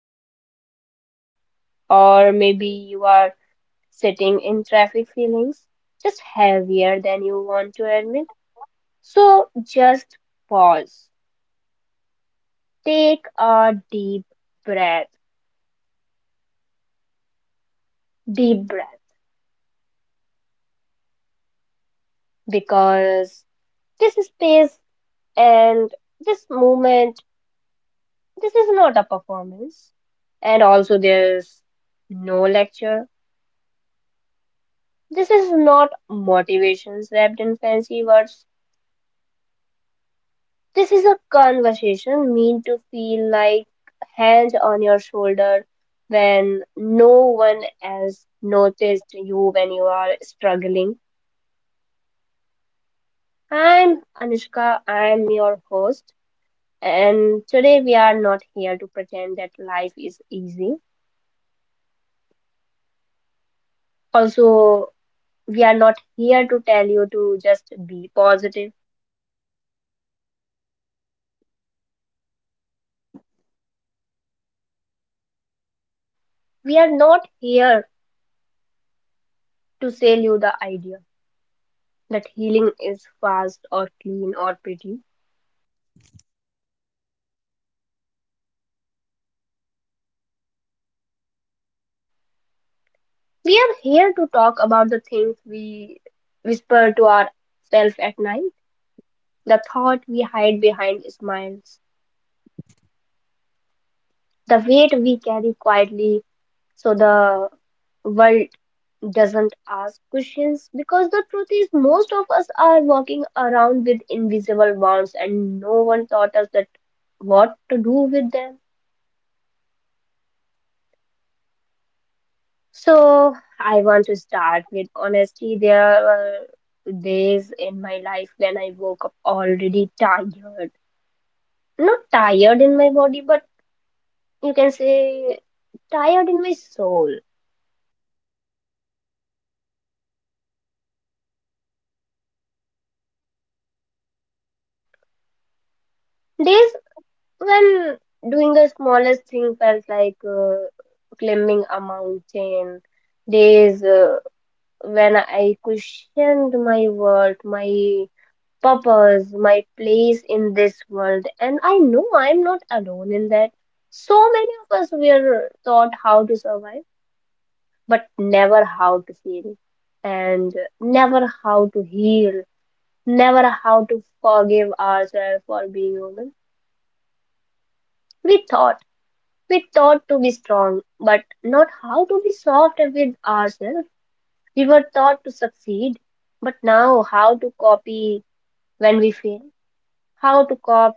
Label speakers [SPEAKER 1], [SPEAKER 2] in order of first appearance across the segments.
[SPEAKER 1] headphones on, or maybe you are sitting in traffic feelings just heavier than you want to admit. So just pause, take a breath, deep breath, because this space and this moment this is not a performance. And also, there's no lecture. This is not motivations wrapped in fancy words. This is a conversation meant to feel like hands on your shoulder when no one else noticed you when you are struggling. I'm Anushka, I'm your host, and today we are not here to pretend that life is easy. Also, we are not here to tell you to just be positive. We are not here to sell you the idea that healing is fast or clean or pretty. We are here to talk about the things we whisper to ourselves at night, the thought we hide behind smiles, the weight we carry quietly so the world doesn't ask questions, because the truth is most of us are walking around with invisible wounds and no one taught us that what to do with them. So I want to start with honesty. There were days in my life when I woke up already tired, not tired in my body but you can say tired in my soul. Days when doing the smallest thing felt like climbing a mountain. Days when I questioned my worth, my purpose, my place in this world, and I know I'm not alone in that. So many of us were taught how to survive, but never how to feel, and never how to heal, never how to forgive ourselves for being human. We thought. We taught to be strong, but not how to be soft with ourselves. We were taught to succeed, but now how to copy when we fail, how to cop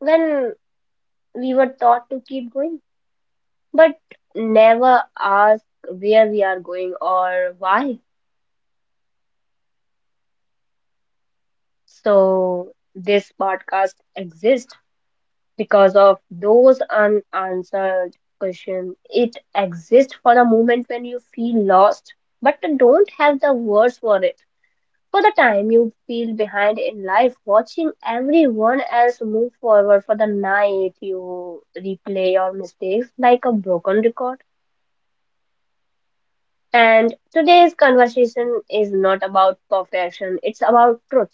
[SPEAKER 1] when we were taught to keep going, but never ask where we are going or why. So, this podcast exists because of those unanswered questions. It exists for a moment when you feel lost but don't have the words for it. For the time you feel behind in life, watching everyone else move forward, for the night you replay your mistakes like a broken record. And today's conversation is not about perfection, it's about truth.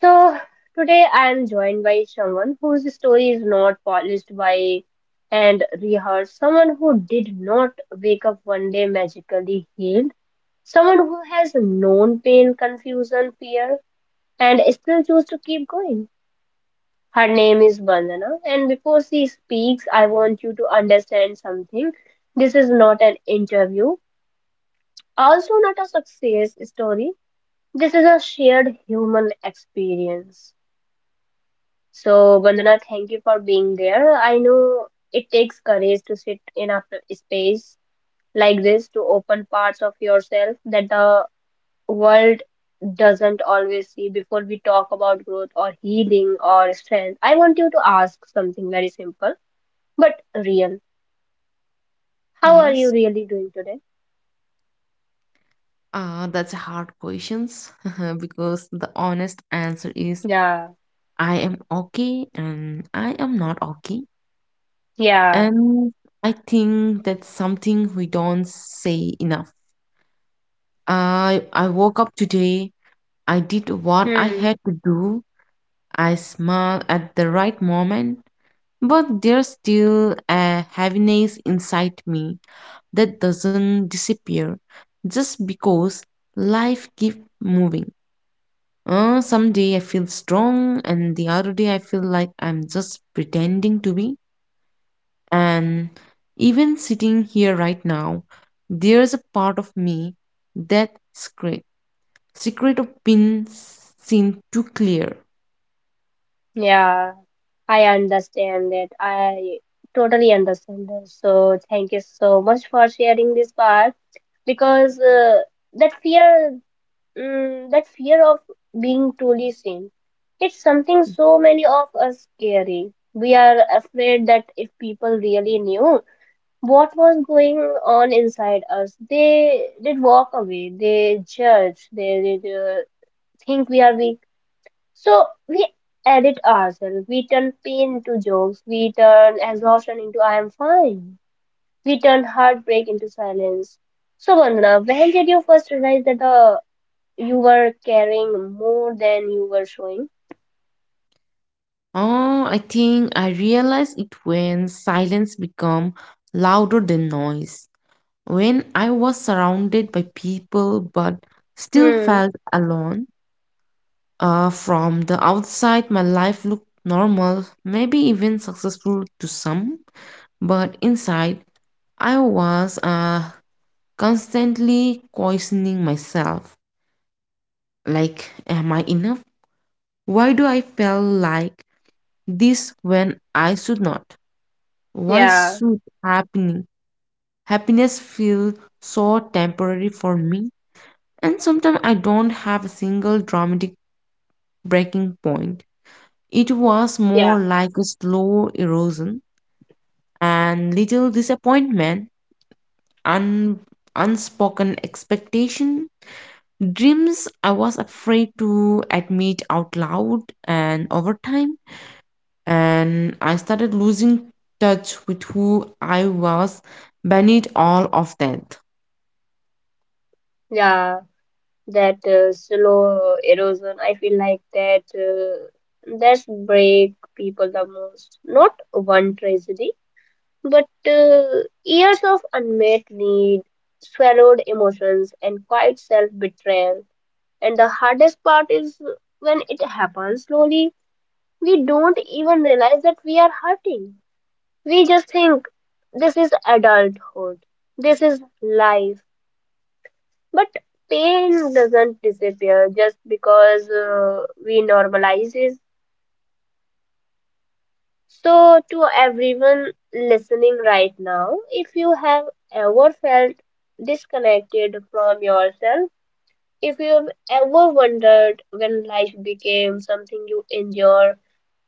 [SPEAKER 1] So, today I am joined by someone whose story is not polished by and rehearsed, someone who did not wake up one day magically healed, someone who has known pain, confusion, fear and still choose to keep going. Her name is Vandana, and before she speaks, I want you to understand something. This is not an interview, also not a success story. This is a shared human experience. So, Vandana, thank you for being there. I know it takes courage to sit in a space like this, to open parts of yourself that the world doesn't always see. Before we talk about growth or healing or strength, I want you to ask something very simple but real. How are you
[SPEAKER 2] Yes.
[SPEAKER 1] really doing today?
[SPEAKER 2] That's a hard questions because the honest answer is
[SPEAKER 1] Yeah,
[SPEAKER 2] I am okay and I am not okay.
[SPEAKER 1] yeah,
[SPEAKER 2] And I think that's something we don't say enough. I woke up today. I did what I
[SPEAKER 1] hmm,
[SPEAKER 2] had to do. I smiled at the right moment, but there's still a heaviness inside me that doesn't disappear just because life keeps moving. Some day I feel strong, and the other day I feel like I'm just pretending to be. And even sitting here right now, there's a part of me that secret, secret of being seen too clear.
[SPEAKER 1] yeah. I understand that. I totally understand this. So thank you so much for sharing this part, because that fear, mm, that fear of being truly seen. It's something so many of us carry. We are afraid that if people really knew what was going on inside us, they did walk away, they judge, they did think we are weak. So we edit ourselves. We turn pain into jokes. We turn exhaustion into I am fine. We turn heartbreak into silence. So, Vandana, when did you first realize that the you were caring more than you were showing?
[SPEAKER 2] Oh, I think I realized it when silence become louder than noise. When I was surrounded by people but still
[SPEAKER 1] Hmm.
[SPEAKER 2] felt alone. From the outside, my life looked normal, maybe even successful to some, but inside, I was constantly questioning myself. Like, am I enough? Why do I feel like this when I should not? Why
[SPEAKER 1] Yeah.
[SPEAKER 2] should happening happiness feel so temporary for me? And sometimes I don't have a single dramatic breaking point. It was more
[SPEAKER 1] Yeah.
[SPEAKER 2] like a slow erosion and little disappointment, un- unspoken expectation, dreams I was afraid to admit out loud, and over time, and I started losing touch with who I was beneath all of that.
[SPEAKER 1] Yeah. That slow erosion. I feel like that. That's break people the most. Not one tragedy, but years of unmet need, swallowed emotions, and quiet self betrayal. And the hardest part is when it happens slowly. We don't even realize that we are hurting. We just think this is adulthood, this is life. But pain doesn't disappear just because we normalize it. So, to everyone listening right now, if you have ever felt disconnected from yourself, if you've ever wondered when life became something you endure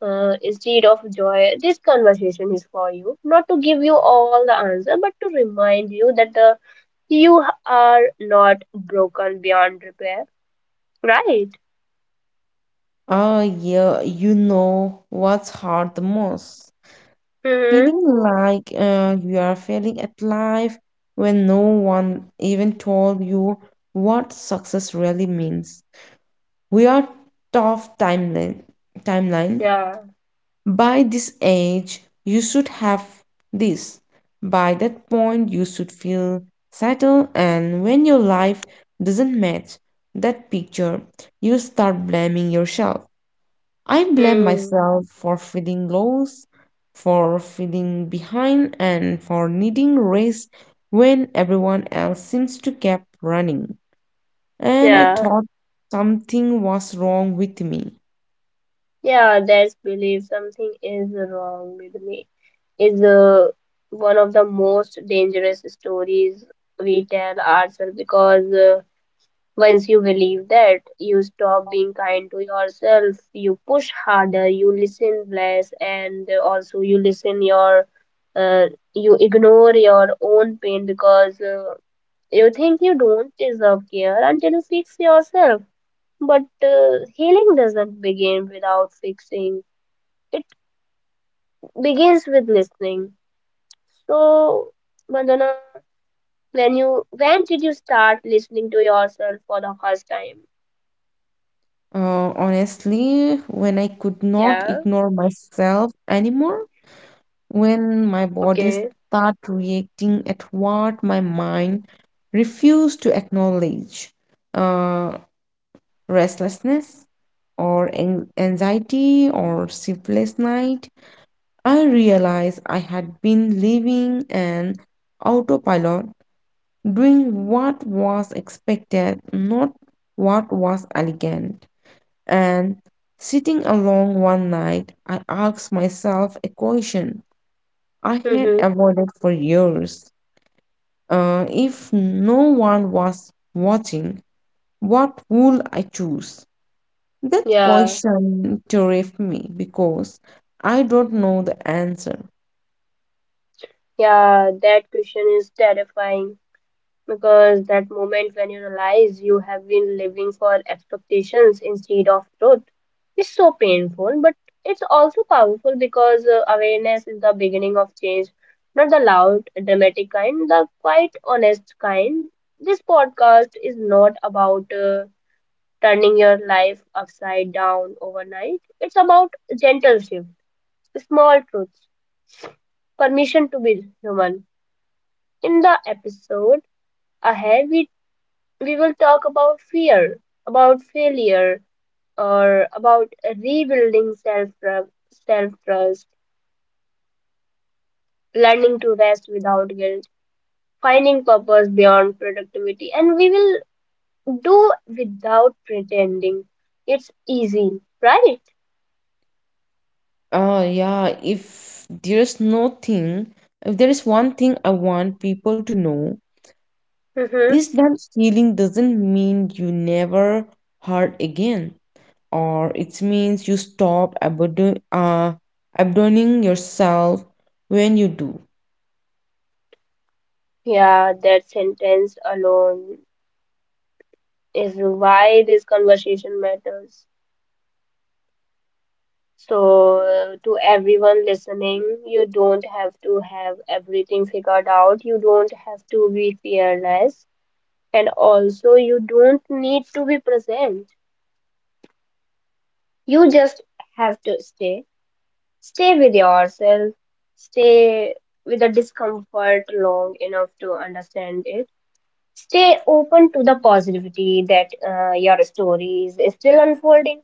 [SPEAKER 1] instead of joy, this conversation is for you. Not to give you all the answer, but to remind you that the you are not broken beyond repair, right?
[SPEAKER 2] Oh, yeah, you know what's hard the most.
[SPEAKER 1] Hmm.
[SPEAKER 2] Feeling like you are failing at life when no one even told you what success really means. We are tough timeline.
[SPEAKER 1] Yeah.
[SPEAKER 2] By this age you should have this. By that point you should feel settled, and when your life doesn't match that picture you start blaming yourself. I blame
[SPEAKER 1] Hmm.
[SPEAKER 2] myself for feeling lost, for feeling behind, and for needing rest when everyone else seems to keep running, and I
[SPEAKER 1] Yeah.
[SPEAKER 2] thought something was wrong with me.
[SPEAKER 1] Yeah, that's belief something is wrong with me. Is one of the most dangerous stories we tell ourselves, because once you believe that, you stop being kind to yourself, you push harder, you listen less, and also you listen your uh, you ignore your own pain because you think you don't deserve care until you fix yourself. But healing doesn't begin without fixing, it begins with listening. So, Vandana, when you when did you start listening to yourself for the first time?
[SPEAKER 2] Honestly, when I could not
[SPEAKER 1] Yeah,
[SPEAKER 2] ignore myself anymore, when my body
[SPEAKER 1] okay.
[SPEAKER 2] start reacting at what my mind refused to acknowledge, uh, restlessness or anxiety or sleepless night, I realized I had been living an autopilot, doing what was expected, not what was elegant. And sitting alone one night, I asked myself a question I had
[SPEAKER 1] Mm-hmm.
[SPEAKER 2] avoided for years. If no one was watching, what would I choose? That
[SPEAKER 1] Yeah,
[SPEAKER 2] question terrified me because I don't know the answer.
[SPEAKER 1] yeah, that question is terrifying, because that moment when you realize you have been living for expectations instead of truth is so painful, but it's also powerful because awareness is the beginning of change, not the loud, dramatic kind, the quite honest kind. This podcast is not about turning your life upside down overnight, it's about gentle shift, small truths, permission to be human. In the episode ahead, we will talk about fear, about failure, or about rebuilding self self trust, learning to rest without guilt, finding purpose beyond productivity, and we will do without pretending. It's easy, right?
[SPEAKER 2] Uh, yeah, if there's no thing, if there is one thing I want people to know,
[SPEAKER 1] Mm-hmm.
[SPEAKER 2] is that healing doesn't mean you never hurt again, or it means you stop abandoning yourself when you do.
[SPEAKER 1] Yeah, that sentence alone is why this conversation matters. So, to everyone listening, you don't have to have everything figured out. You don't have to be fearless. And also, you don't need to be present. You just have to stay. Stay with yourself. Stay with the discomfort long enough to understand it. Stay open to the positivity that your story is still unfolding.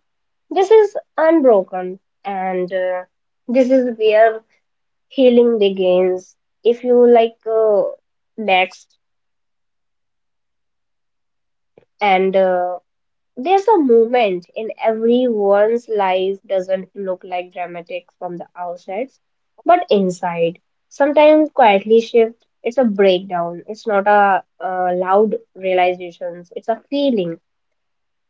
[SPEAKER 1] This is unbroken, and this is where healing begins if you like next and there's a moment in everyone's life doesn't look like dramatic from the outside, but inside sometimes quietly shift. It's a breakdown, it's not a loud realizations, it's a feeling,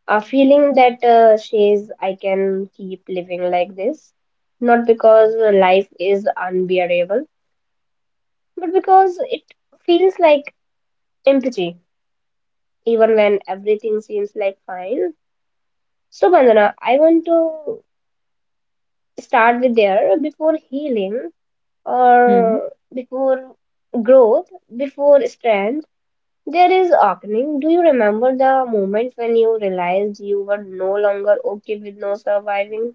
[SPEAKER 1] a feeling that says I can keep living like this, not because life is unbearable, but because it feels like empty even when everything seems like fine. So, Vandana, I want to start with there. Before healing
[SPEAKER 2] Hmm.
[SPEAKER 1] or before growth, before strength, there is opening. Do you remember the moment when you realized you were no longer okay with no surviving?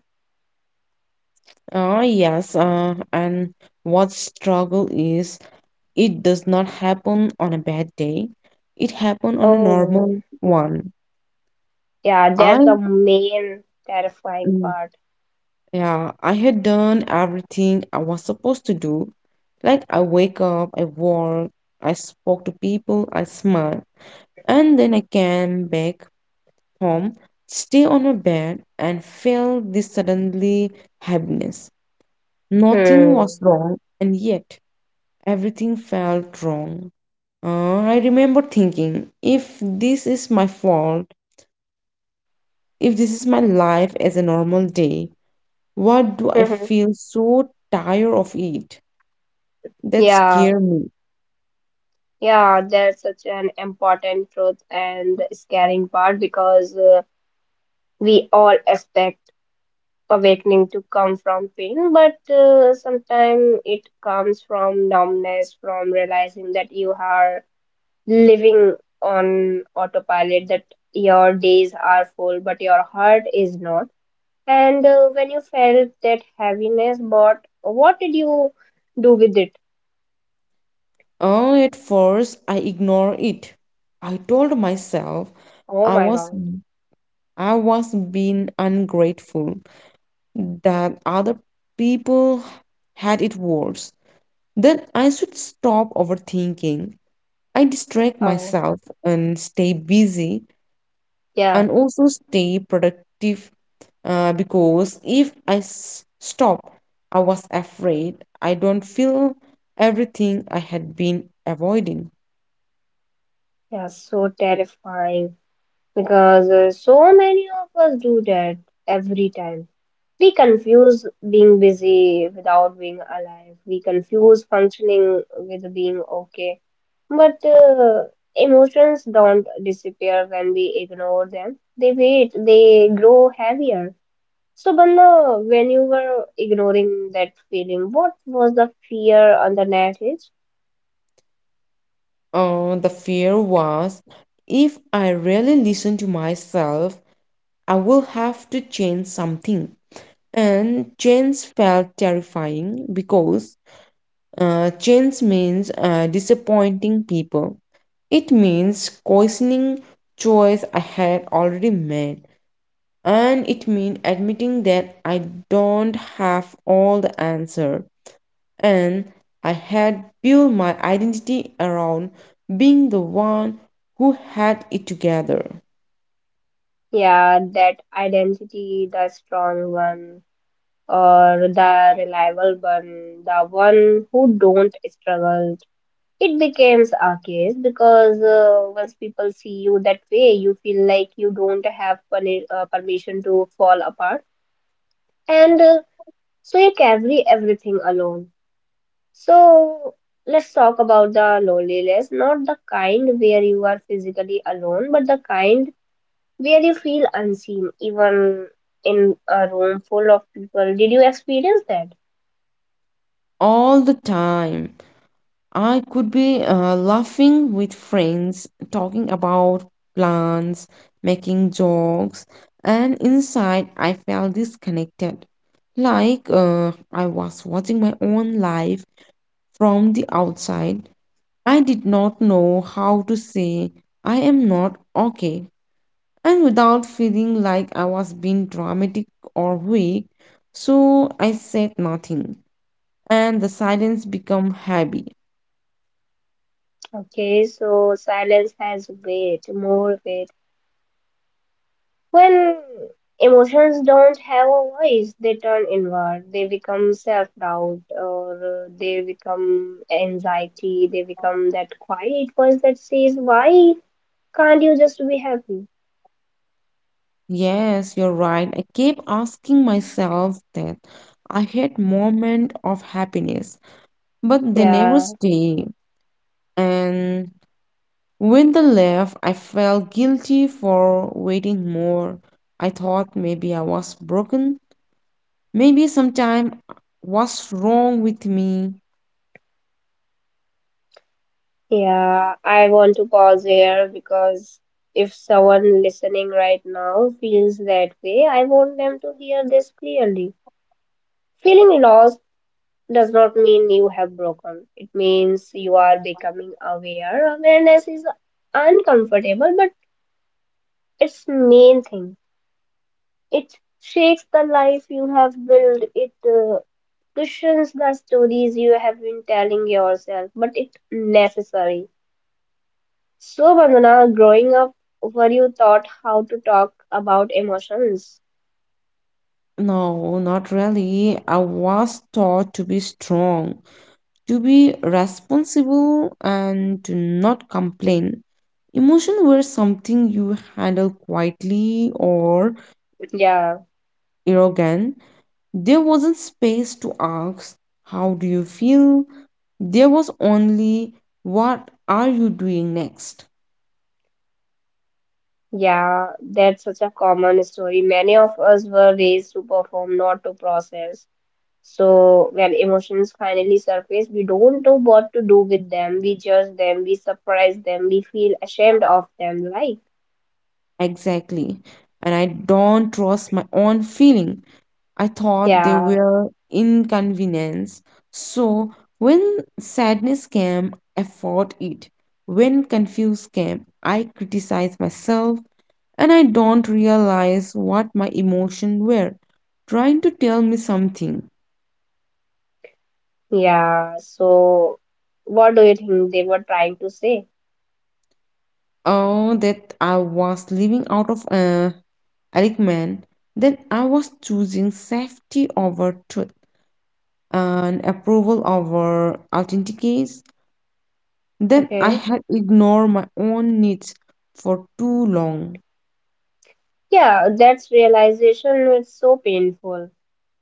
[SPEAKER 2] Ah, yes. And what struggle is, it does not happen on a bad day. It happen on a
[SPEAKER 1] Oh,
[SPEAKER 2] normal one.
[SPEAKER 1] yeah,
[SPEAKER 2] I
[SPEAKER 1] that's the main terrifying
[SPEAKER 2] mm,
[SPEAKER 1] part.
[SPEAKER 2] Yeah, I had done everything I was supposed to do. Like I wake up, I work, I spoke to people, I smile, and then I came back home, stay on my bed, and felt this suddenly heaviness. Nothing was
[SPEAKER 1] Hmm.
[SPEAKER 2] wrong, and yet everything felt wrong. I remember thinking, if this is my fault, if this is my life as a normal day, what do I
[SPEAKER 1] Mhm.
[SPEAKER 2] feel so tired of it? That
[SPEAKER 1] Yeah,
[SPEAKER 2] scared me.
[SPEAKER 1] yeah, that's such an important truth and scaring part. Because. We all expect awakening to come from pain, but sometimes it comes from numbness, from realizing that you are living on autopilot, that your days are full, but your heart is not. And when you felt that heaviness, but what did you do with it?
[SPEAKER 2] Oh, at first I ignored it. I told myself
[SPEAKER 1] Oh
[SPEAKER 2] I
[SPEAKER 1] my
[SPEAKER 2] was
[SPEAKER 1] God.
[SPEAKER 2] I was being ungrateful, that other people had it worse. That I should stop overthinking. I distract
[SPEAKER 1] Oh,
[SPEAKER 2] myself and stay busy
[SPEAKER 1] yeah,
[SPEAKER 2] and also stay productive because if I stop, I was afraid I don't feel everything I had been avoiding.
[SPEAKER 1] yeah, so terrifying because so many of us do that every time. We confuse being busy without being alive. We confuse functioning with being okay. But emotions don't disappear when we ignore them. They wait, they grow heavier. So, Bandha, when you were ignoring that feeling, what was the fear underneath it?
[SPEAKER 2] The fear was if I really listen to myself, I will have to change something. And change felt terrifying because change means disappointing people. It means questioning choice I had already made. And it means admitting that I don't have all the answer, and I had built my identity around being the one who had it together.
[SPEAKER 1] Yeah, that identity, the strong one, or the reliable one, the one who don't struggle. It becomes a case because once people see you that way, you feel like you don't have permission to fall apart, and so you carry everything alone. So let's talk about the loneliness, not the kind where you are physically alone, but the kind where you feel unseen, even in a room full of people. Did you experience that?
[SPEAKER 2] All the time, I could be laughing with friends, talking about plants, making jokes, and inside I felt disconnected, like I was watching my own life from the outside. I did not know how to say I am not okay and without feeling like I was being dramatic or weak. So I said nothing, and the silence became heavy.
[SPEAKER 1] Okay, so silence has weight, more weight when emotions don't have a voice, they turn inward. They become self doubt, or they become anxiety. They become that quiet voice that says, why can't you just be happy?
[SPEAKER 2] Yes, you're right. I kept asking myself that. I had moments of happiness, but they never
[SPEAKER 1] Yeah,
[SPEAKER 2] stay. And when they left, I felt guilty for waiting more. I thought maybe I was broken. Maybe sometime was wrong with me.
[SPEAKER 1] yeah. I want to pause here because if someone listening right now feels that way, I want them to hear this clearly. Feeling lost does not mean you have broken. It means you are becoming aware. Awareness is uncomfortable, but it's main thing. It shakes the life you have built. It cushions the stories you have been telling yourself, but it's necessary. So, Bandana, growing up, were you taught how to talk about emotions?
[SPEAKER 2] No, not really. I was taught to be strong, to be responsible, and to not complain. Emotion were something you handle quietly or
[SPEAKER 1] Yeah,
[SPEAKER 2] arrogant. There wasn't space to ask, how do you feel? There was only, what are you doing next?
[SPEAKER 1] yeah, that's such a common story. Many of us were raised to perform, not to process. So when emotions finally surface, we don't know what to do with them. We judge them, we surprise them, we feel ashamed of them, right?
[SPEAKER 2] Exactly. And I don't trust my own feeling. I thought they
[SPEAKER 1] Yeah,
[SPEAKER 2] were inconvenience. So when sadness came, I fought it. When confused came, I criticized myself and I don't realize what my emotions were trying to tell me something.
[SPEAKER 1] yeah. So what do you think they were trying to say?
[SPEAKER 2] Oh, that I was living out of alignment, that I was choosing safety over truth and approval over authenticity. Then I
[SPEAKER 1] Okay.
[SPEAKER 2] had ignored my own needs for too long.
[SPEAKER 1] Yeah, that's realization is so painful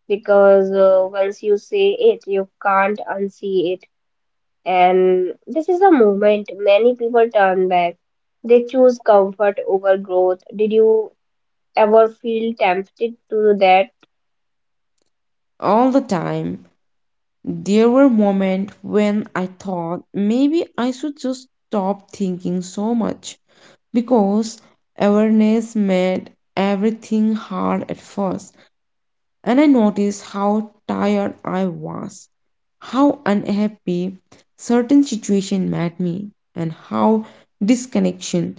[SPEAKER 1] because once you say it, you can't unsee it. And this is a moment many people turn back. They choose comfort over growth. Did you ever feel tempted to do that?
[SPEAKER 2] All the time, there were moments when I thought maybe I should just stop thinking so much because awareness made everything hard at first, and I noticed how tired I was, how unhappy certain situations made me, and how disconnection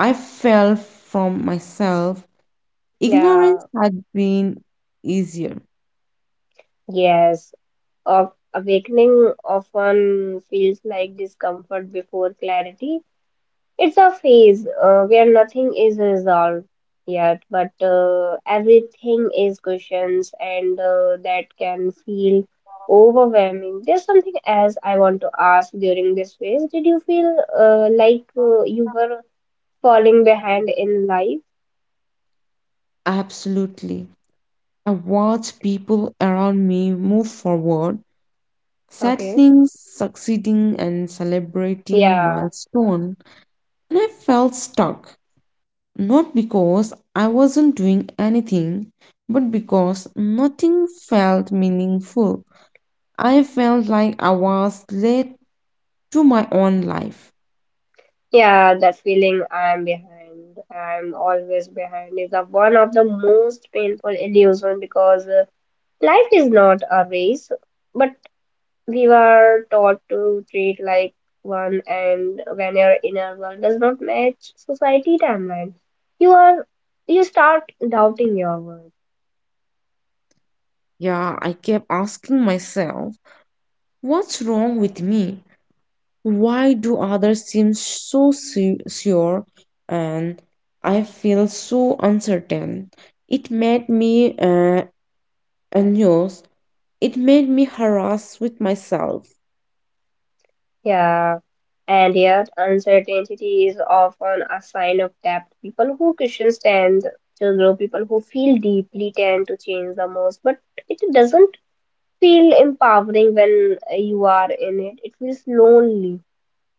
[SPEAKER 2] I felt from myself. Ignorance
[SPEAKER 1] Yeah,
[SPEAKER 2] had been easier.
[SPEAKER 1] yes. Of awakening often feels like discomfort before clarity. It's a phase where nothing is resolved yet, but everything is questions, and that can feel overwhelming. There's something else I want to ask during this phase. Did you feel like you were falling behind in life?
[SPEAKER 2] Absolutely. I watched people around me move forward,
[SPEAKER 1] Okay.
[SPEAKER 2] settling, succeeding, and celebrating
[SPEAKER 1] Yeah.
[SPEAKER 2] milestone, and I felt stuck. Not because I wasn't doing anything, but because nothing felt meaningful. I felt like I was late to my own life.
[SPEAKER 1] Yeah, that feeling I'm behind, I'm always behind is a, one of the most painful illusion because life is not a race, but we were taught to treat like one and when your inner world does not match society timeline, you are you start doubting your worth.
[SPEAKER 2] Yeah, I kept asking myself, what's wrong with me? Why do others seem so sure and I feel so uncertain? It made me anxious. It made me harassed with myself.
[SPEAKER 1] Yeah, and yet uncertainty is often a sign of depth. People who cushions tend to grow, people who feel deeply tend to change the most, but it doesn't feel empowering when you are in it. It feels lonely.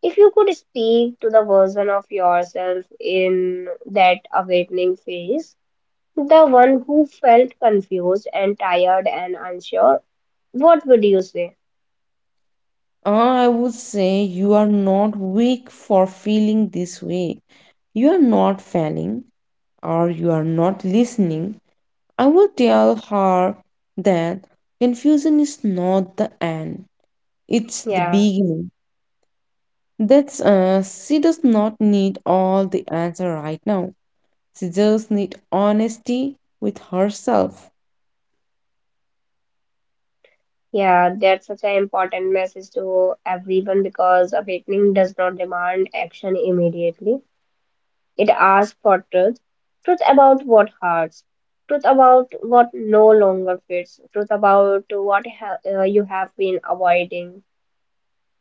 [SPEAKER 1] If you could speak to the version of yourself in that awakening phase, the one who felt confused and tired and unsure, what would you say?
[SPEAKER 2] Ah, I would say you are not weak for feeling this way. You are not failing or you are not listening. I will tell her that confusion is not the end, it's the
[SPEAKER 1] Yeah.
[SPEAKER 2] beginning. That's She does not need all the answer right now. She just need honesty with herself.
[SPEAKER 1] Yeah, that's such an important message to everyone because awakening does not demand action immediately. It asks for truth. Truth about what hurts, truth about what no longer fits, truth about what ha you have been avoiding.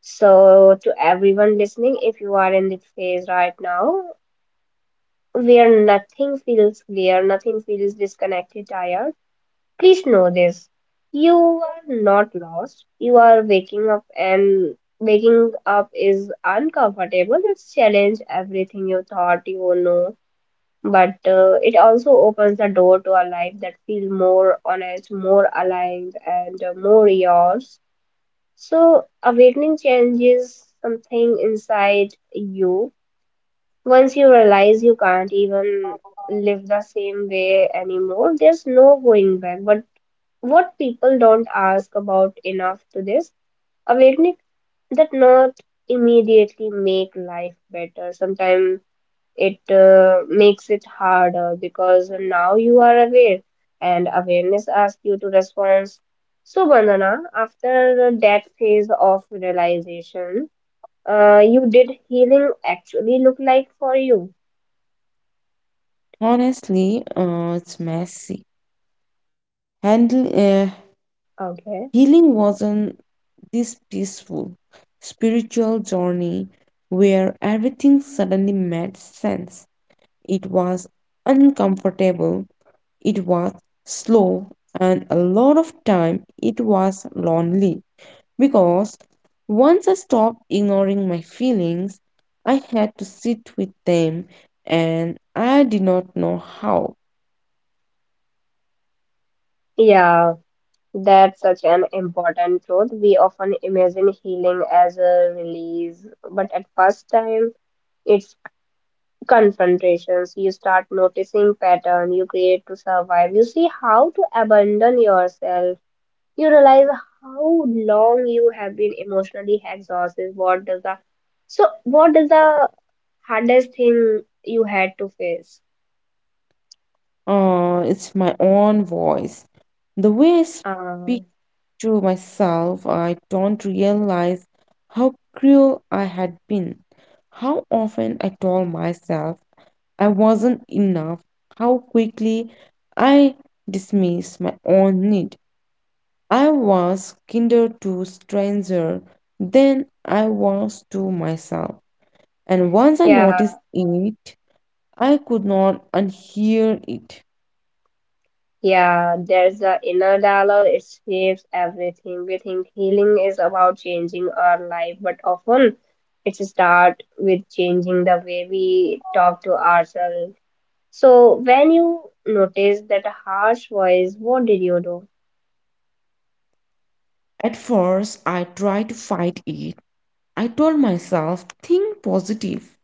[SPEAKER 1] So, to everyone listening, if you are in this phase right now where nothing feels clear, nothing feels disconnected, tired, please know this. You are not lost. You are waking up and waking up is uncomfortable. It's challenge everything you thought you know, but it also opens the door to a life that feels more honest, more aligned and more yours. So awakening changes something inside you. Once you realize you can't even live the same way anymore, there's no going back. But what people don't ask about enough to this awakening that not immediately make life better sometimes it makes it harder because now you are aware and awareness asks you to respond. So Bandana, after that phase of realization, you did healing actually look like for you?
[SPEAKER 2] Honestly, it's messy. Handling
[SPEAKER 1] Okay.
[SPEAKER 2] Healing wasn't this peaceful spiritual journey where everything suddenly made sense. It was uncomfortable. It was slow, and a lot of time it was lonely. Because once I stopped ignoring my feelings, I had to sit with them and I did not know how.
[SPEAKER 1] Yeah, that's such an important truth. We often imagine healing as a release, but at first time, it's confrontations. You start noticing pattern you create to survive. You see how to abandon yourself. You realize how long you have been emotionally exhausted. What does the so what is the hardest thing you had to face?
[SPEAKER 2] It's my own voice. The way I
[SPEAKER 1] Uh,
[SPEAKER 2] speak to myself, I don't realize how cruel I had been. How often I told myself I wasn't enough, how quickly I dismissed my own need. I was kinder to stranger than I was to myself. And once I
[SPEAKER 1] yeah.
[SPEAKER 2] noticed it, I could not unhear it.
[SPEAKER 1] Yeah, there's the inner dialogue, it shapes everything. We think healing is about changing our life, but often it starts with changing the way we talk to ourselves. So, when you noticed that a harsh voice, what did you do?
[SPEAKER 2] At first, I tried to fight it. I told myself, think positive,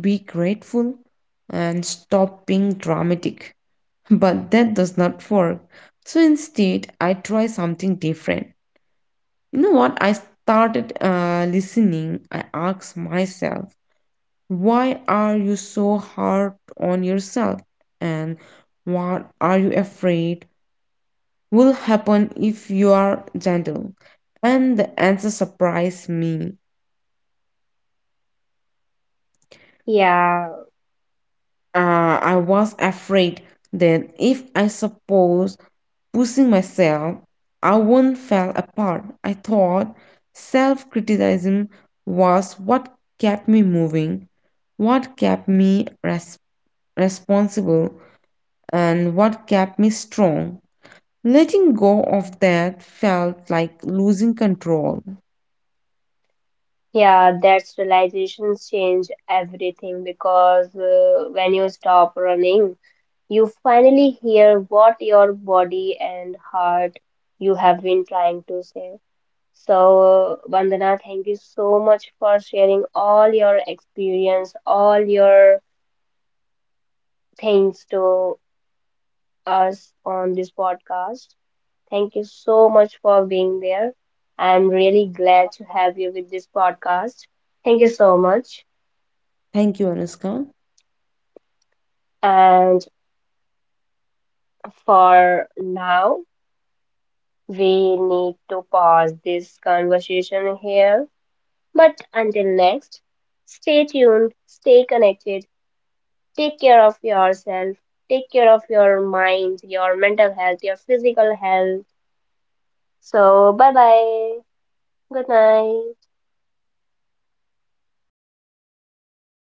[SPEAKER 2] be grateful, and stop being dramatic. But that does not work. So instead, I try something different. You know what? I started listening. I asked myself, why are you so hard on yourself? And what are you afraid will happen if you are gentle? And the answer surprised me.
[SPEAKER 1] Yeah,
[SPEAKER 2] I was afraid that if I suppose pushing myself, I wouldn't fall apart. I thought self criticism was what kept me moving, what kept me responsible, and what kept me strong. Letting go of that felt like losing control.
[SPEAKER 1] yeah, that's realizations change everything because when you stop running, you finally hear what your body and heart you have been trying to say. So, Vandana, thank you so much for sharing all your experience, all your things to us on this podcast. Thank you so much for being there. I'm really glad to have you with this podcast. Thank you so much.
[SPEAKER 2] Thank you, Anuska.
[SPEAKER 1] And for now, we need to pause this conversation here. But until next, stay tuned, stay connected, take care of yourself, take care of your mind, your mental health, your physical health. So, bye bye. Good night.